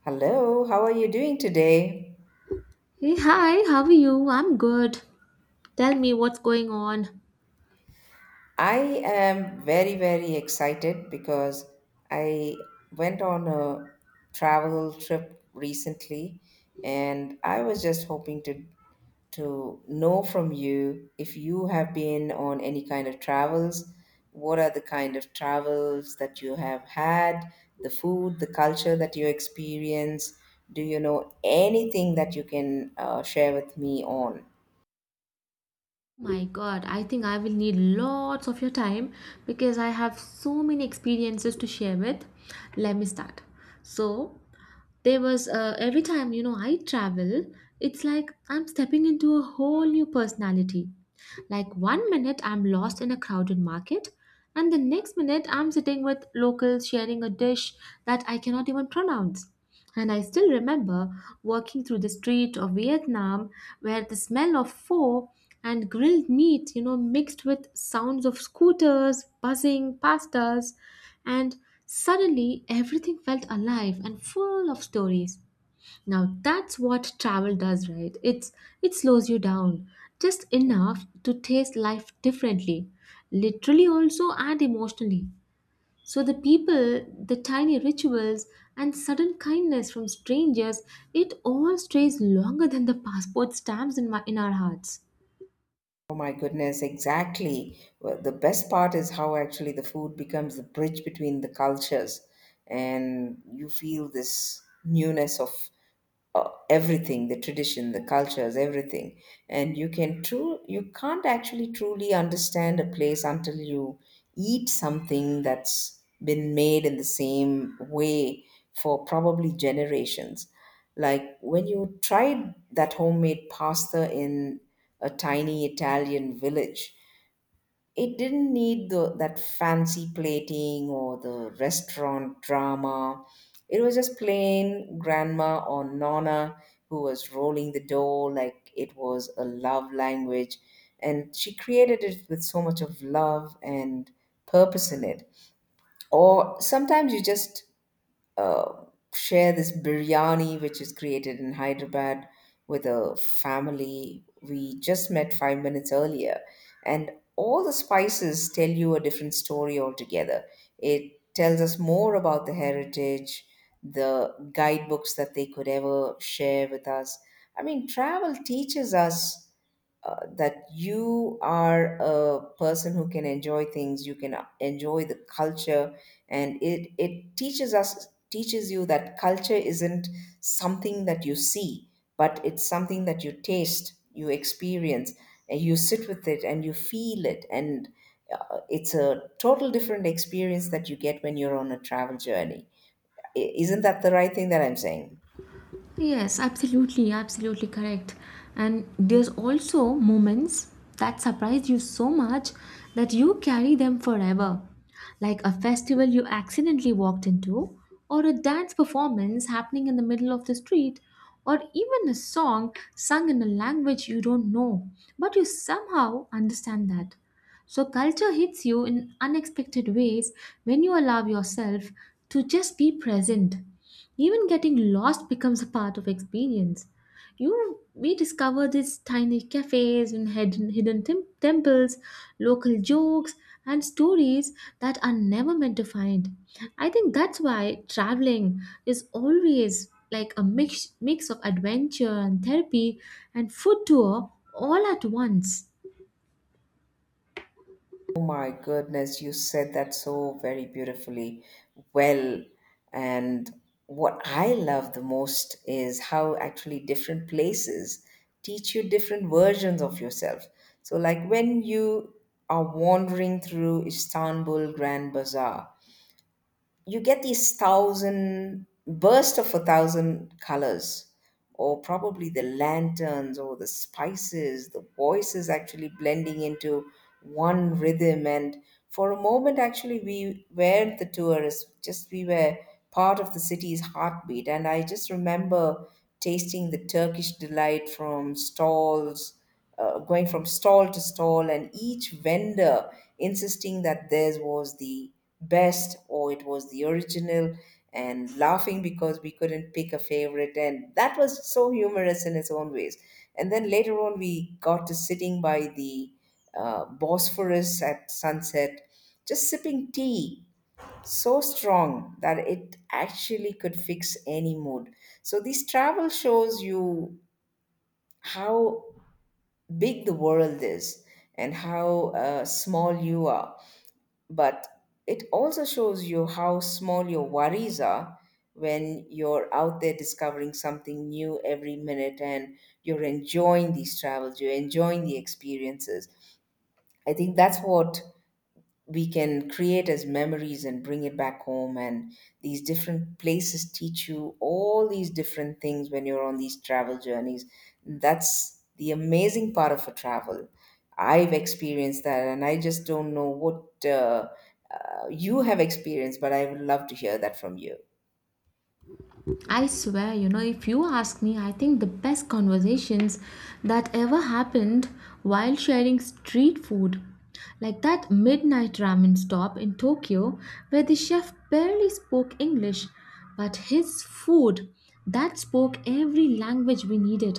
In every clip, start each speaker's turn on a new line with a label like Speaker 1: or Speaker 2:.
Speaker 1: Hello, how are you doing today?
Speaker 2: Hey, hi, how are you? I'm good. Tell me what's going on.
Speaker 1: I am very, very excited because I went on a travel trip recently, and I was just hoping to know from you if you have been on any kind of travels, what are the kind of travels that you have had, the food, the culture that you experience. Do you know anything that you can share with me on?
Speaker 2: My God, I think I will need lots of your time because I have so many experiences to share with. Let me start. So, there was every time I travel, it's like I'm stepping into a whole new personality. Like one minute I'm lost in a crowded market, and the next minute I'm sitting with locals sharing a dish that I cannot even pronounce. And I still remember walking through the street of Vietnam where the smell of pho and grilled meats, mixed with sounds of scooters buzzing past us. And suddenly everything felt alive and full of stories. Now that's what travel does, right? It slows you down just enough to taste life differently, literally also and emotionally. So the people, the tiny rituals, and sudden kindness from strangers, it all stays longer than the passport stamps in our hearts.
Speaker 1: Oh my goodness, exactly. Well, the best part is how actually the food becomes the bridge between the cultures, and you feel this newness of everything, the tradition, the cultures, everything. And you can't actually truly understand a place until you eat something that's been made in the same way for probably generations, like when you tried that homemade pasta in a tiny Italian village. It didn't need that fancy plating or the restaurant drama. It was just plain grandma or nonna, who was rolling the dough like it was a love language. And she created it with so much of love and purpose in it. Or sometimes you just uh, share this biryani, which is created in Hyderabad, with a family we just met 5 minutes earlier, and all the spices tell you a different story altogether. It tells us more about the heritage, the guidebooks that they could ever share with us. I mean, travel teaches us that you are a person who can enjoy things, you can enjoy the culture. And it teaches you that culture isn't something that you see, but it's something that you taste, you experience, and you sit with it and you feel it. And it's a total different experience that you get when you're on a travel journey. Isn't that the right thing that I'm saying?
Speaker 2: Yes, absolutely, absolutely correct. And there's also moments that surprise you so much that you carry them forever. Like a festival you accidentally walked into, or a dance performance happening in the middle of the street, or even a song sung in a language you don't know, but you somehow understand that. So, culture hits you in unexpected ways when you allow yourself to just be present. Even getting lost becomes a part of experience. You we discover these tiny cafes and hidden temples, local jokes and stories that are never meant to find. I think that's why traveling is always like a mix of adventure and therapy and food tour all at once.
Speaker 1: Oh my goodness, you said that so very beautifully. Well, and what I love the most is how actually different places teach you different versions of yourself. So, like when you are wandering through Istanbul Grand Bazaar, you get these thousand burst of a thousand colors, or probably the lanterns or the spices, the voices actually blending into one rhythm. And for a moment, actually, we were part of the city's heartbeat. And I just remember tasting the Turkish delight from stalls, going from stall to stall, and each vendor insisting that theirs was the best or it was the original, and laughing because we couldn't pick a favorite. And that was so humorous in its own ways. And then later on, we got to sitting by the Bosphorus at sunset, just sipping tea so strong that it actually could fix any mood. So these travel shows you how big the world is and how small you are. But it also shows you how small your worries are when you're out there discovering something new every minute, and you're enjoying these travels, you're enjoying the experiences. I think that's what we can create as memories and bring it back home. And these different places teach you all these different things when you're on these travel journeys. That's the amazing part of a travel. I've experienced that, and I just don't know what you have experienced, but I would love to hear that from you.
Speaker 2: I swear, if you ask me, I think the best conversations that ever happened while sharing street food, like that midnight ramen stop in Tokyo where the chef barely spoke English, but his food that spoke every language we needed.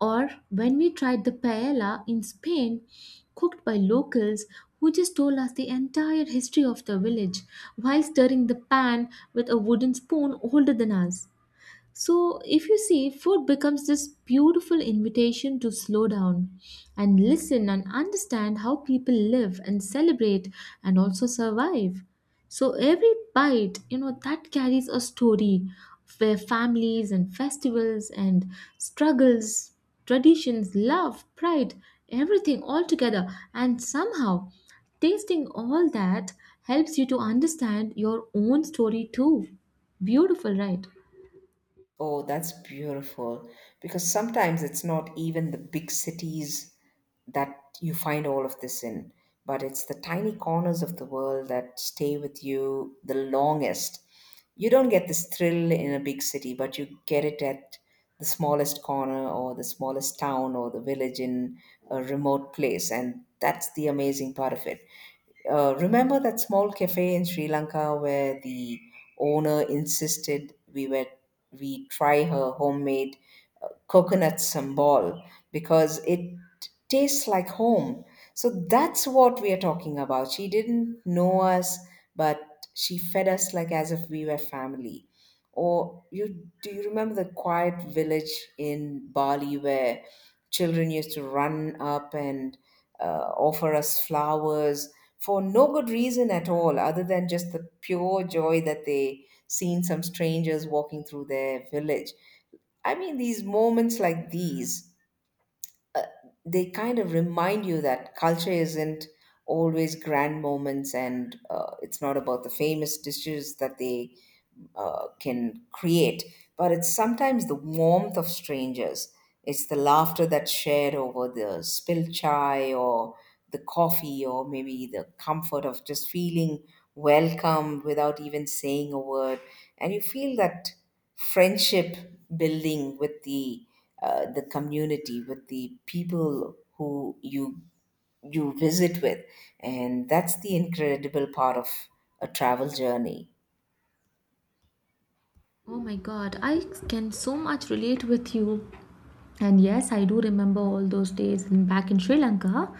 Speaker 2: Or when we tried the paella in Spain, cooked by locals who just told us the entire history of the village while stirring the pan with a wooden spoon older than us. So, if you see, food becomes this beautiful invitation to slow down and listen and understand how people live and celebrate and also survive. So, every bite, that carries a story where families and festivals and struggles, traditions, love, pride, everything all together. And somehow, tasting all that helps you to understand your own story too. Beautiful, right?
Speaker 1: Oh, that's beautiful. Because sometimes it's not even the big cities that you find all of this in, but it's the tiny corners of the world that stay with you the longest. You don't get this thrill in a big city, but you get it at the smallest corner or the smallest town or the village in a remote place. And that's the amazing part of it. Remember that small cafe in Sri Lanka where the owner insisted we try her homemade coconut sambal because it tastes like home. So that's what we are talking about. She didn't know us, but she fed us like as if we were family. Or you do you remember the quiet village in Bali where children used to run up and offer us flowers for no good reason at all, other than just the pure joy that they seen some strangers walking through their village. I mean, these moments like these, uh, they kind of remind you that culture isn't always grand moments, and it's not about the famous dishes that they can create, but it's sometimes the warmth of strangers. It's the laughter that's shared over the spilled chai or the coffee, or maybe the comfort of just feeling welcome without even saying a word. And you feel that friendship building with the community, with the people who you visit with. And that's the incredible part of a travel journey.
Speaker 2: Oh my God, I can so much relate with you. And yes, I do remember all those days back in Sri Lanka.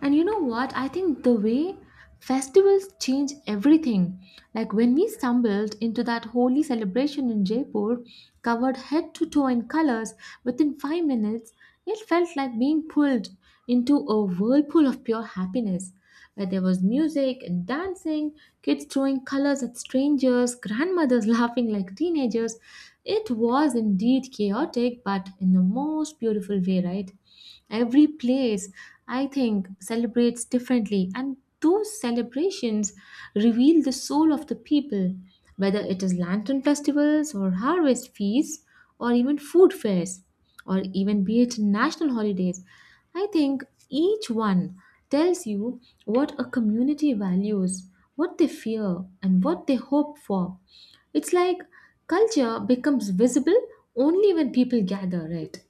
Speaker 2: And you know what? I think the way festivals change everything. Like when we stumbled into that holy celebration in Jaipur, covered head to toe in colors, within 5 minutes, it felt like being pulled into a whirlpool of pure happiness where there was music and dancing, kids throwing colors at strangers, grandmothers laughing like teenagers. It was indeed chaotic, but in the most beautiful way, right? Every place, I think, celebrates differently, and those celebrations reveal the soul of the people, whether it is lantern festivals or harvest feasts or even food fairs or even be it national holidays. I think each one tells you what a community values, what they fear, and what they hope for. It's like culture becomes visible only when people gather, right?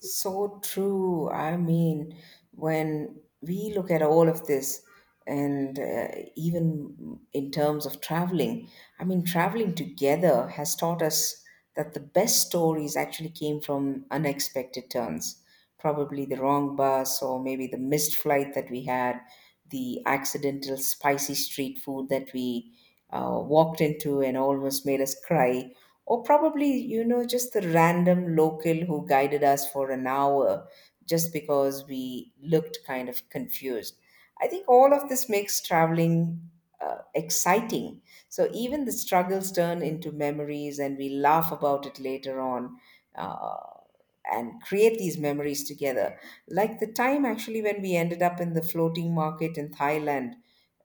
Speaker 1: So true. I mean, when we look at all of this, and even in terms of traveling, I mean, traveling together has taught us that the best stories actually came from unexpected turns. Probably the wrong bus, or maybe the missed flight that we had, the accidental spicy street food that we walked into and almost made us cry, or probably, you know, just the random local who guided us for an hour just because we looked kind of confused. I think all of this makes traveling exciting. So even the struggles turn into memories and we laugh about it later on. Uh, and create these memories together. Like the time, actually, when we ended up in the floating market in Thailand,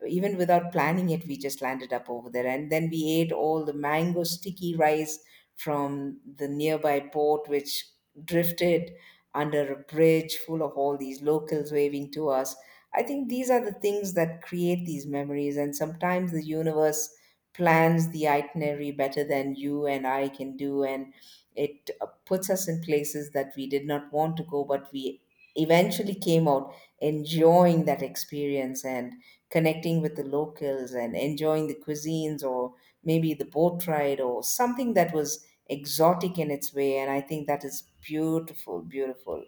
Speaker 1: even without planning it, we just landed up over there. And then we ate all the mango sticky rice from the nearby port, which drifted under a bridge full of all these locals waving to us. I think these are the things that create these memories. And sometimes the universe plans the itinerary better than you and I can do. And it puts us in places that we did not want to go, but we eventually came out enjoying that experience and connecting with the locals and enjoying the cuisines, or maybe the boat ride or something that was exotic in its way. And I think that is beautiful, beautiful.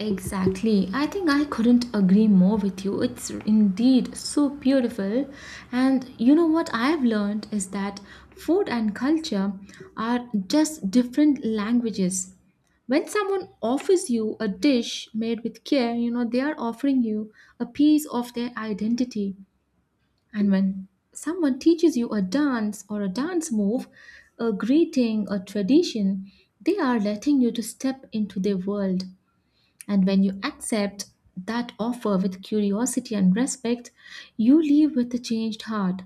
Speaker 2: Exactly. I think I couldn't agree more with you. It's indeed so beautiful. And you know what I've learned is that food and culture are just different languages. When someone offers you a dish made with care, they are offering you a piece of their identity. And when someone teaches you a dance or a dance move, a greeting, a tradition, they are letting you to step into their world, and when you accept that offer with curiosity and respect, you leave with a changed heart.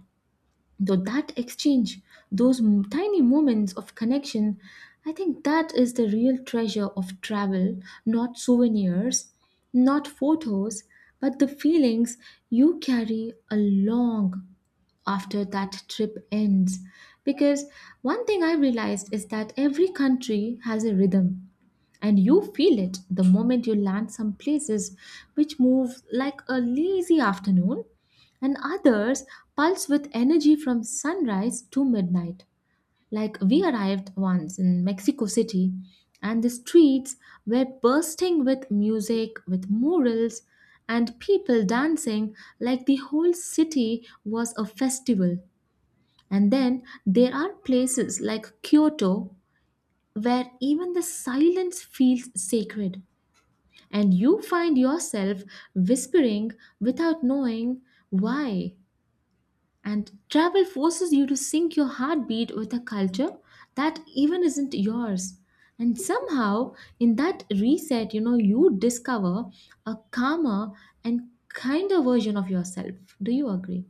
Speaker 2: So that exchange, those tiny moments of connection, I think that is the real treasure of travel, not souvenirs, not photos, but the feelings you carry along after that trip ends. Because one thing I realized is that every country has a rhythm and you feel it the moment you land. Some places which move like a lazy afternoon, and others pulse with energy from sunrise to midnight. Like we arrived once in Mexico City, and the streets were bursting with music, with murals, and people dancing like the whole city was a festival. And then there are places like Kyoto where even the silence feels sacred and you find yourself whispering without knowing why. And travel forces you to sync your heartbeat with a culture that even isn't yours. And somehow, in that reset, you discover a calmer and kinder version of yourself. Do you agree?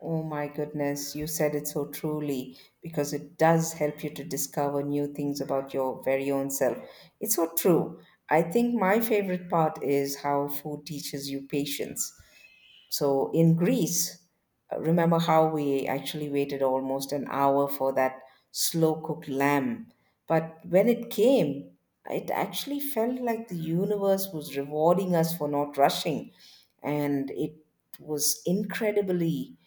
Speaker 1: Oh my goodness, you said it so truly, because it does help you to discover new things about your very own self. It's so true. I think my favorite part is how food teaches you patience. So in Greece, remember how we actually waited almost an hour for that slow cooked lamb. But when it came, it actually felt like the universe was rewarding us for not rushing. And it was incredibly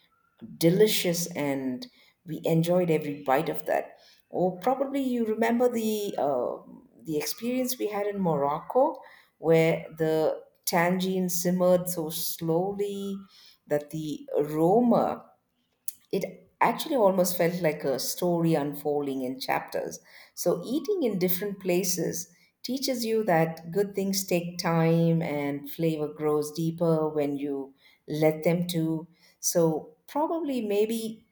Speaker 1: delicious, and we enjoyed every bite of that. Or probably you remember the experience we had in Morocco, where the tangine simmered so slowly that the aroma, it actually almost felt like a story unfolding in chapters. So, eating in different places teaches you that good things take time, and flavor grows deeper when you let them to. So, probably maybe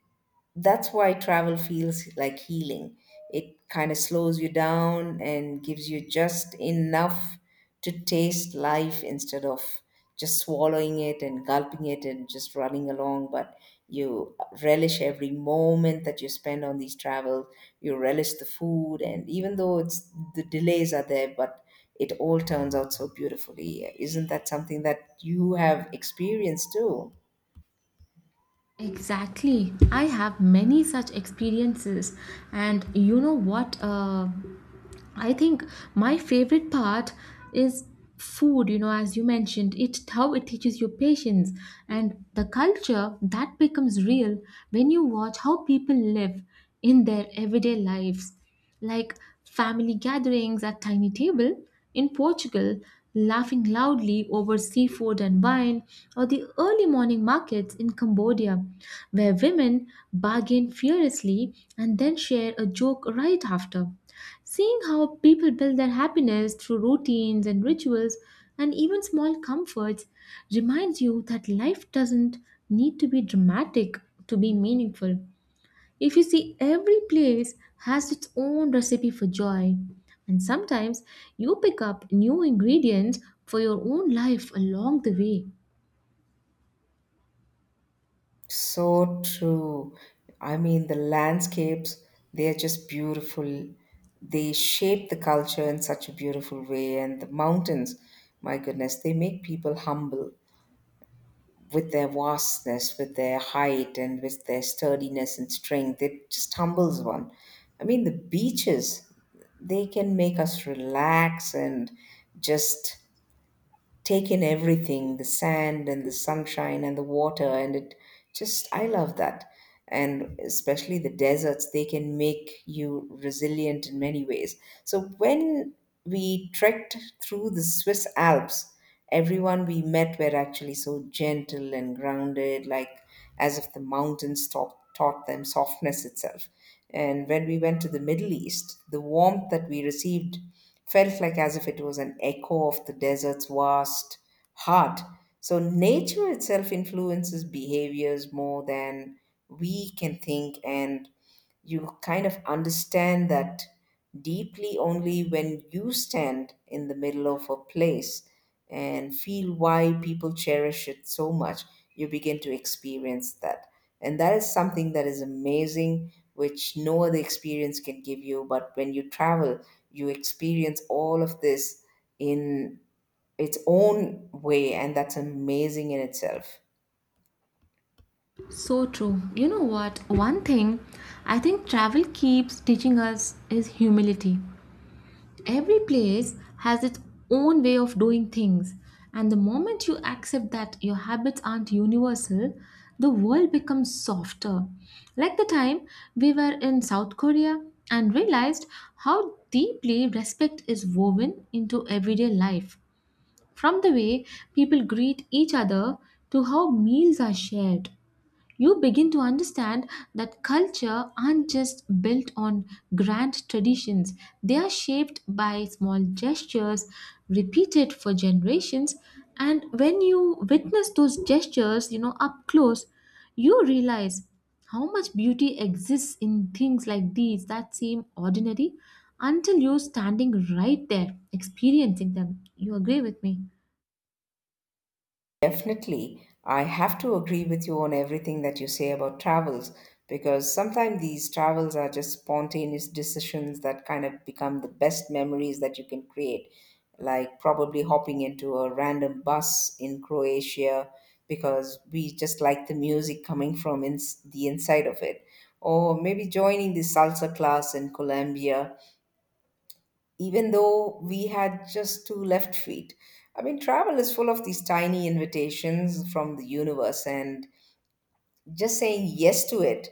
Speaker 1: that's why travel feels like healing. It kind of slows you down and gives you just enough to taste life instead of just swallowing it and gulping it and just running along. But you relish every moment that you spend on these travels. You relish the food, and even though it's the delays are there, but it all turns out so beautifully. Isn't that something that you have experienced too?
Speaker 2: Exactly. I have many such experiences, and you know what? I think my favorite part is food, as you mentioned, it how it teaches you patience and the culture that becomes real when you watch how people live in their everyday lives. Like family gatherings at tiny table in Portugal, laughing loudly over seafood and wine, or the early morning markets in Cambodia, where women bargain furiously and then share a joke right after. Seeing how people build their happiness through routines and rituals and even small comforts reminds you that life doesn't need to be dramatic to be meaningful. If you see, every place has its own recipe for joy, and sometimes you pick up new ingredients for your own life along the way.
Speaker 1: So true. I mean, the landscapes, they're just beautiful. They shape the culture in such a beautiful way. And the mountains, my goodness, they make people humble with their vastness, with their height, and with their sturdiness and strength. It just humbles one. I mean, the beaches, they can make us relax and just take in everything, the sand and the sunshine and the water. And it, just I love that. And especially the deserts, they can make you resilient in many ways. So when we trekked through the Swiss Alps, everyone we met were actually so gentle and grounded, like as if the mountains taught them softness itself. And when we went to the Middle East, the warmth that we received felt like as if it was an echo of the desert's vast heart. So, nature itself influences behaviors more than we can think, and you kind of understand that deeply only when you stand in the middle of a place and feel why people cherish it so much. You begin to experience that, and that is something that is amazing, which no other experience can give you. But when you travel, you experience all of this in its own way, and that's amazing in itself.
Speaker 2: So true. You know what? One thing I think travel keeps teaching us is humility. Every place has its own way of doing things, and the moment you accept that your habits aren't universal, the world becomes softer. Like the time we were in South Korea and realized how deeply respect is woven into everyday life, from the way people greet each other to how meals are shared. You begin to understand that culture aren't just built on grand traditions. They are shaped by small gestures repeated for generations. And when you witness those gestures, up close, you realize how much beauty exists in things like these that seem ordinary until you're standing right there experiencing them. You agree with me?
Speaker 1: Definitely. I have to agree with you on everything that you say about travels, because sometimes these travels are just spontaneous decisions that kind of become the best memories that you can create. Like probably hopping into a random bus in Croatia because we just like the music coming from the inside of it. Or maybe joining the salsa class in Colombia even though we had just two left feet. I mean, travel is full of these tiny invitations from the universe, and just saying yes to it,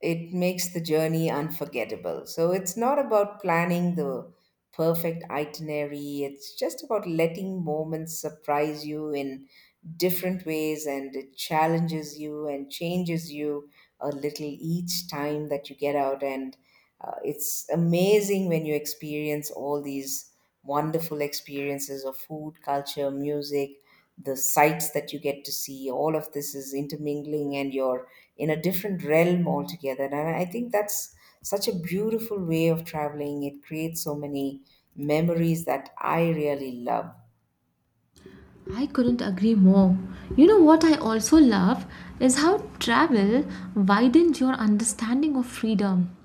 Speaker 1: it makes the journey unforgettable. So it's not about planning the perfect itinerary, it's just about letting moments surprise you in different ways, and it challenges you and changes you a little each time that you get out. And it's amazing when you experience all these wonderful experiences of food, culture, music, the sights that you get to see. All of this is intermingling, and you're in a different realm altogether, and I think that's such a beautiful way of traveling. It creates so many memories that I really love.
Speaker 2: I couldn't agree more. You know what I also love is how travel widens your understanding of freedom.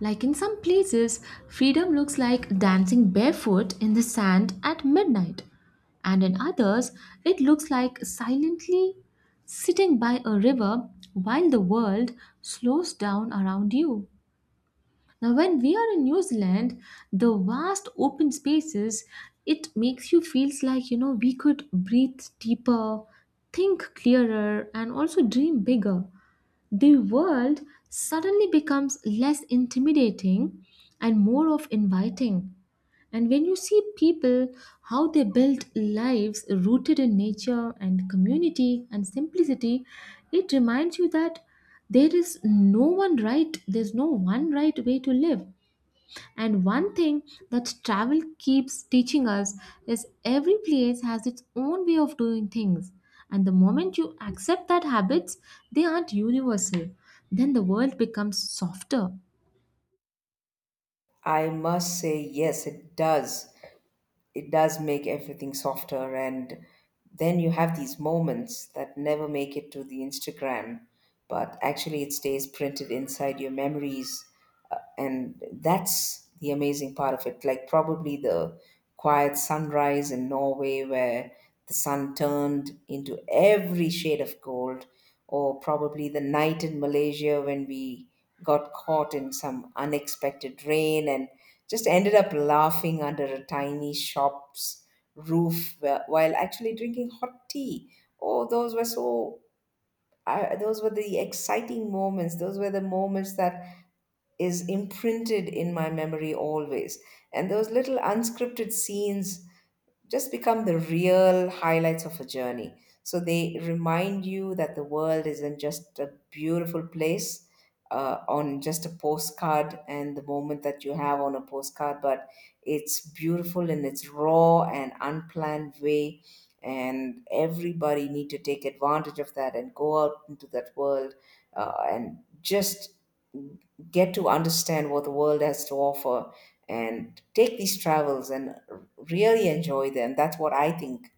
Speaker 2: Like in some places, freedom looks like dancing barefoot in the sand at midnight, and in others, it looks like silently sitting by a river while the world slows down around you. Now, when we are in New Zealand, the vast open spaces, it makes you feels like we could breathe deeper, think clearer, and also dream bigger. The world suddenly becomes less intimidating and more of inviting. And when you see people how they build lives rooted in nature and community and simplicity, it reminds you that there's no one right way to live. And one thing that travel keeps teaching us is every place has its own way of doing things. And the moment you accept that habits, they aren't universal, then the world becomes softer.
Speaker 1: I must say, yes, it does. It does make everything softer, and then you have these moments that never make it to the Instagram, but actually it stays printed inside your memories. And that's the amazing part of it, like probably the quiet sunrise in Norway where the sun turned into every shade of gold, or probably the night in Malaysia when we got caught in some unexpected rain and just ended up laughing under a tiny shop's roof while actually drinking hot tea. Oh, those were so, those were the exciting moments. Those were the moments that is imprinted in my memory always. And those little unscripted scenes just become the real highlights of a journey. So they remind you that the world isn't just a beautiful place on just a postcard and the moment that you have on a postcard, but it's beautiful in its raw and unplanned way. And everybody need to take advantage of that and go out into that world, and just get to understand what the world has to offer and take these travels and really enjoy them. That's what I think.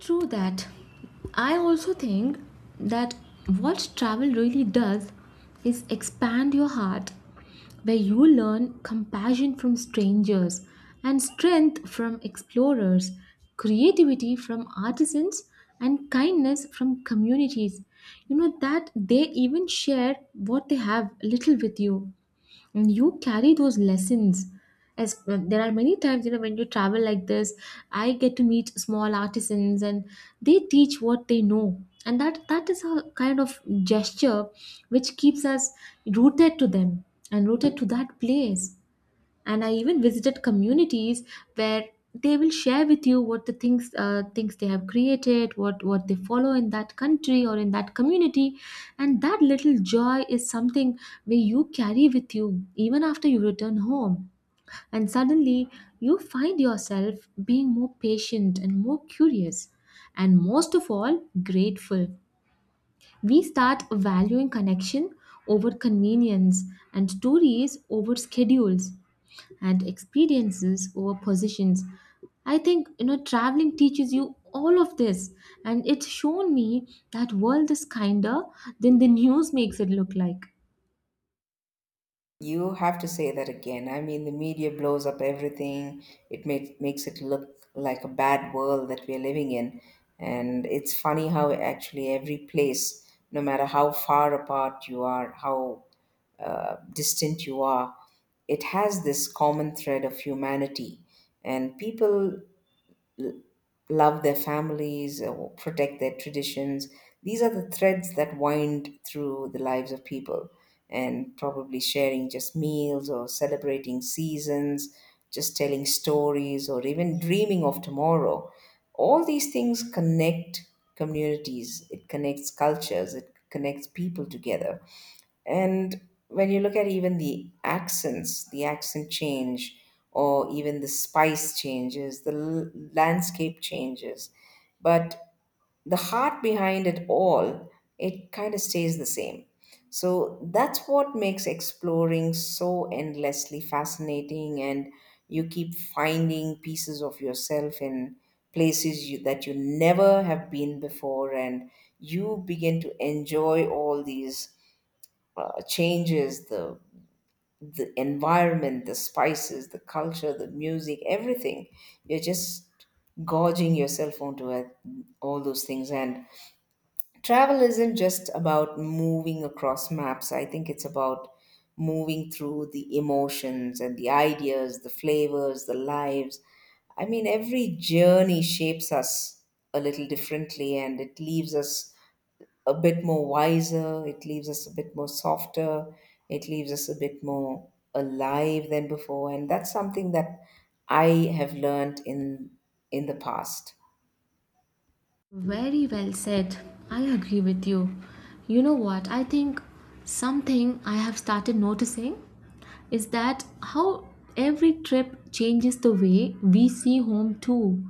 Speaker 2: True that. I also think that what travel really does is expand your heart, where you learn compassion from strangers and strength from explorers, creativity from artisans, and kindness from communities. You know that they even share what they have little with you, and you carry those lessons as there are many times, when you travel like this, I get to meet small artisans and they teach what they know. And that is a kind of gesture which keeps us rooted to them and rooted to that place. And I even visited communities where they will share with you what the things things they have created, what they follow in that country or in that community. And that little joy is something where you carry with you even after you return home. And suddenly you find yourself being more patient and more curious and most of all grateful. We start valuing connection over convenience and stories over schedules and experiences over positions. I think traveling teaches you all of this, and it's shown me that world is kinder than the news makes it look like.
Speaker 1: You have to say that again. I mean, the media blows up everything. It makes it look like a bad world that we're living in. And it's funny how actually every place, no matter how far apart you are, how distant you are, it has this common thread of humanity. And people love their families or protect their traditions. These are the threads that wind through the lives of people, and probably sharing just meals or celebrating seasons, just telling stories, or even dreaming of tomorrow. All these things connect communities, it connects cultures, it connects people together. And when you look at even the accents, the accent change, or even the spice changes, the landscape changes, but the heart behind it all, it kind of stays the same. So that's what makes exploring so endlessly fascinating, and you keep finding pieces of yourself in that you never have been before, and you begin to enjoy all these changes, the environment, the spices, the culture, the music, everything. You're just gorging yourself onto it, all those things. And travel isn't just about moving across maps. I think it's about moving through the emotions and the ideas, the flavors, the lives. I mean, every journey shapes us a little differently, and it leaves us a bit more wiser, it leaves us a bit more softer, it leaves us a bit more alive than before. And that's something that I have learned in the past.
Speaker 2: Very well said. I agree with you. You know what? I think something I have started noticing is that how every trip changes the way we see home too.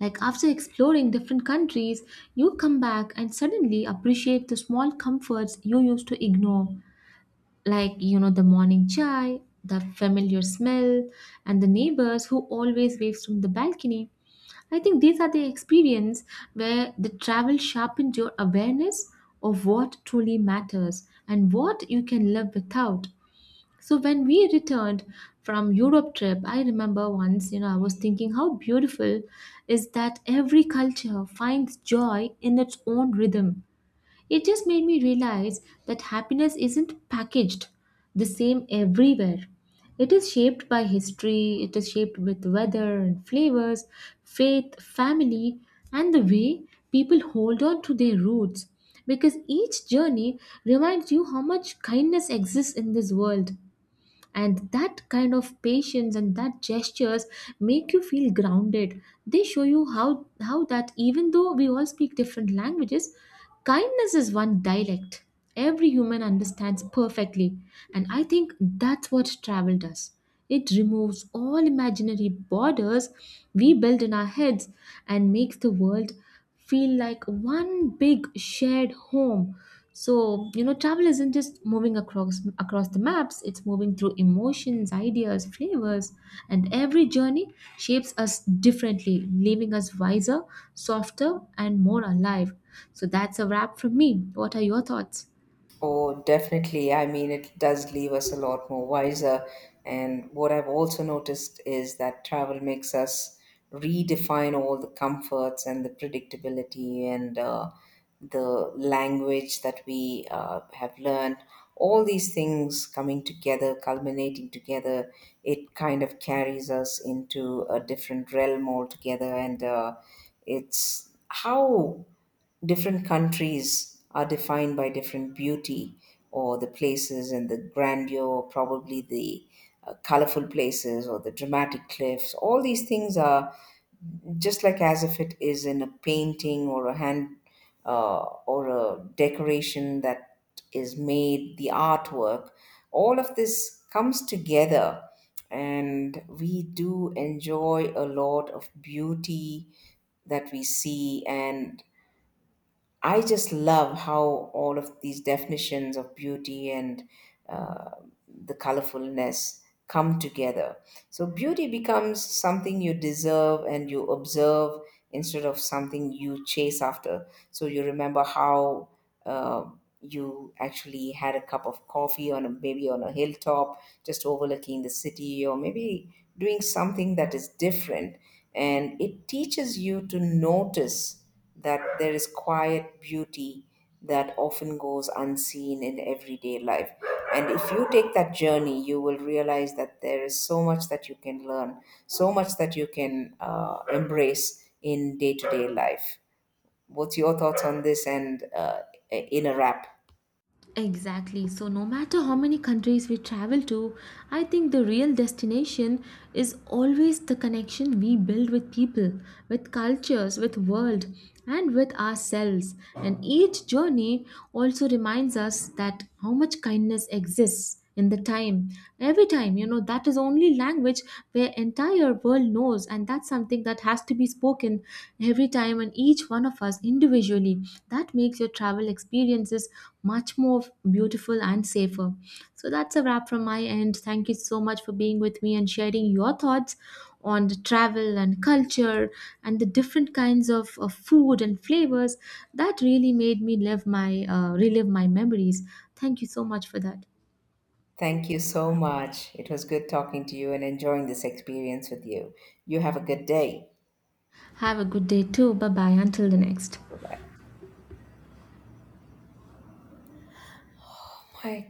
Speaker 2: Like after exploring different countries, you come back and suddenly appreciate the small comforts you used to ignore, like the morning chai, the familiar smell, and the neighbors who always waves from the balcony. I think these are the experience where the travel sharpened your awareness of what truly matters and what you can live without. So when we returned from Europe trip, I remember once, I was thinking how beautiful is that every culture finds joy in its own rhythm. It just made me realize that happiness isn't packaged the same everywhere. It is shaped by history, it is shaped with weather and flavors, faith, family, and the way people hold on to their roots. Because each journey reminds you how much kindness exists in this world, and that kind of patience and that gestures make you feel grounded. They show you how that even though we all speak different languages, kindness is one dialect every human understands perfectly. And I think that's what travel does. It removes all imaginary borders we build in our heads and makes the world feel like one big shared home. So, travel isn't just moving across the maps, it's moving through emotions, ideas, flavors, and every journey shapes us differently, leaving us wiser, softer, and more alive. So that's a wrap from me. What are your thoughts?
Speaker 1: Oh, definitely. I mean, it does leave us a lot more wiser. And what I've also noticed is that travel makes us redefine all the comforts and the predictability and the language that we have learned. All these things coming together, culminating together, it kind of carries us into a different realm altogether. And it's how different countries are defined by different beauty or the places and the grandeur, probably the colorful places or the dramatic cliffs. All these things are just like as if it is in a painting or a hand, uh, or a decoration that is made, the artwork. All of this comes together. And we do enjoy a lot of beauty that we see, and I just love how all of these definitions of beauty and uh, the colorfulness come together. So, beauty becomes something you deserve and you observe instead of something you chase after. So, you remember how uh, you actually had a cup of coffee on a, maybe on a hilltop, just overlooking the city, or maybe doing something that is different. And it teaches you to notice that there is quiet beauty that often goes unseen in everyday life. And if you take that journey, you will realize that there is so much that you can learn, so much that you can embrace in day to day life. What's your thoughts on this, and in a wrap?
Speaker 2: Exactly. So, no matter how many countries we travel to, I think the real destination is always the connection we build with people, with cultures, with world, and with ourselves. And each journey also reminds us that how much kindness exists in the time. Every time, that is only language where entire world knows, and that's something that has to be spoken every time and each one of us individually that makes your travel experiences much more beautiful and safer. So that's a wrap from my end. Thank you so much for being with me and sharing your thoughts on the travel and culture and the different kinds of food and flavors that really made me live my relive my memories. Thank you so much for that.
Speaker 1: Thank you so much. It was good talking to you and enjoying this experience with you. You have a good day.
Speaker 2: Have a good day too. Bye bye. Until the next.
Speaker 1: Bye bye. My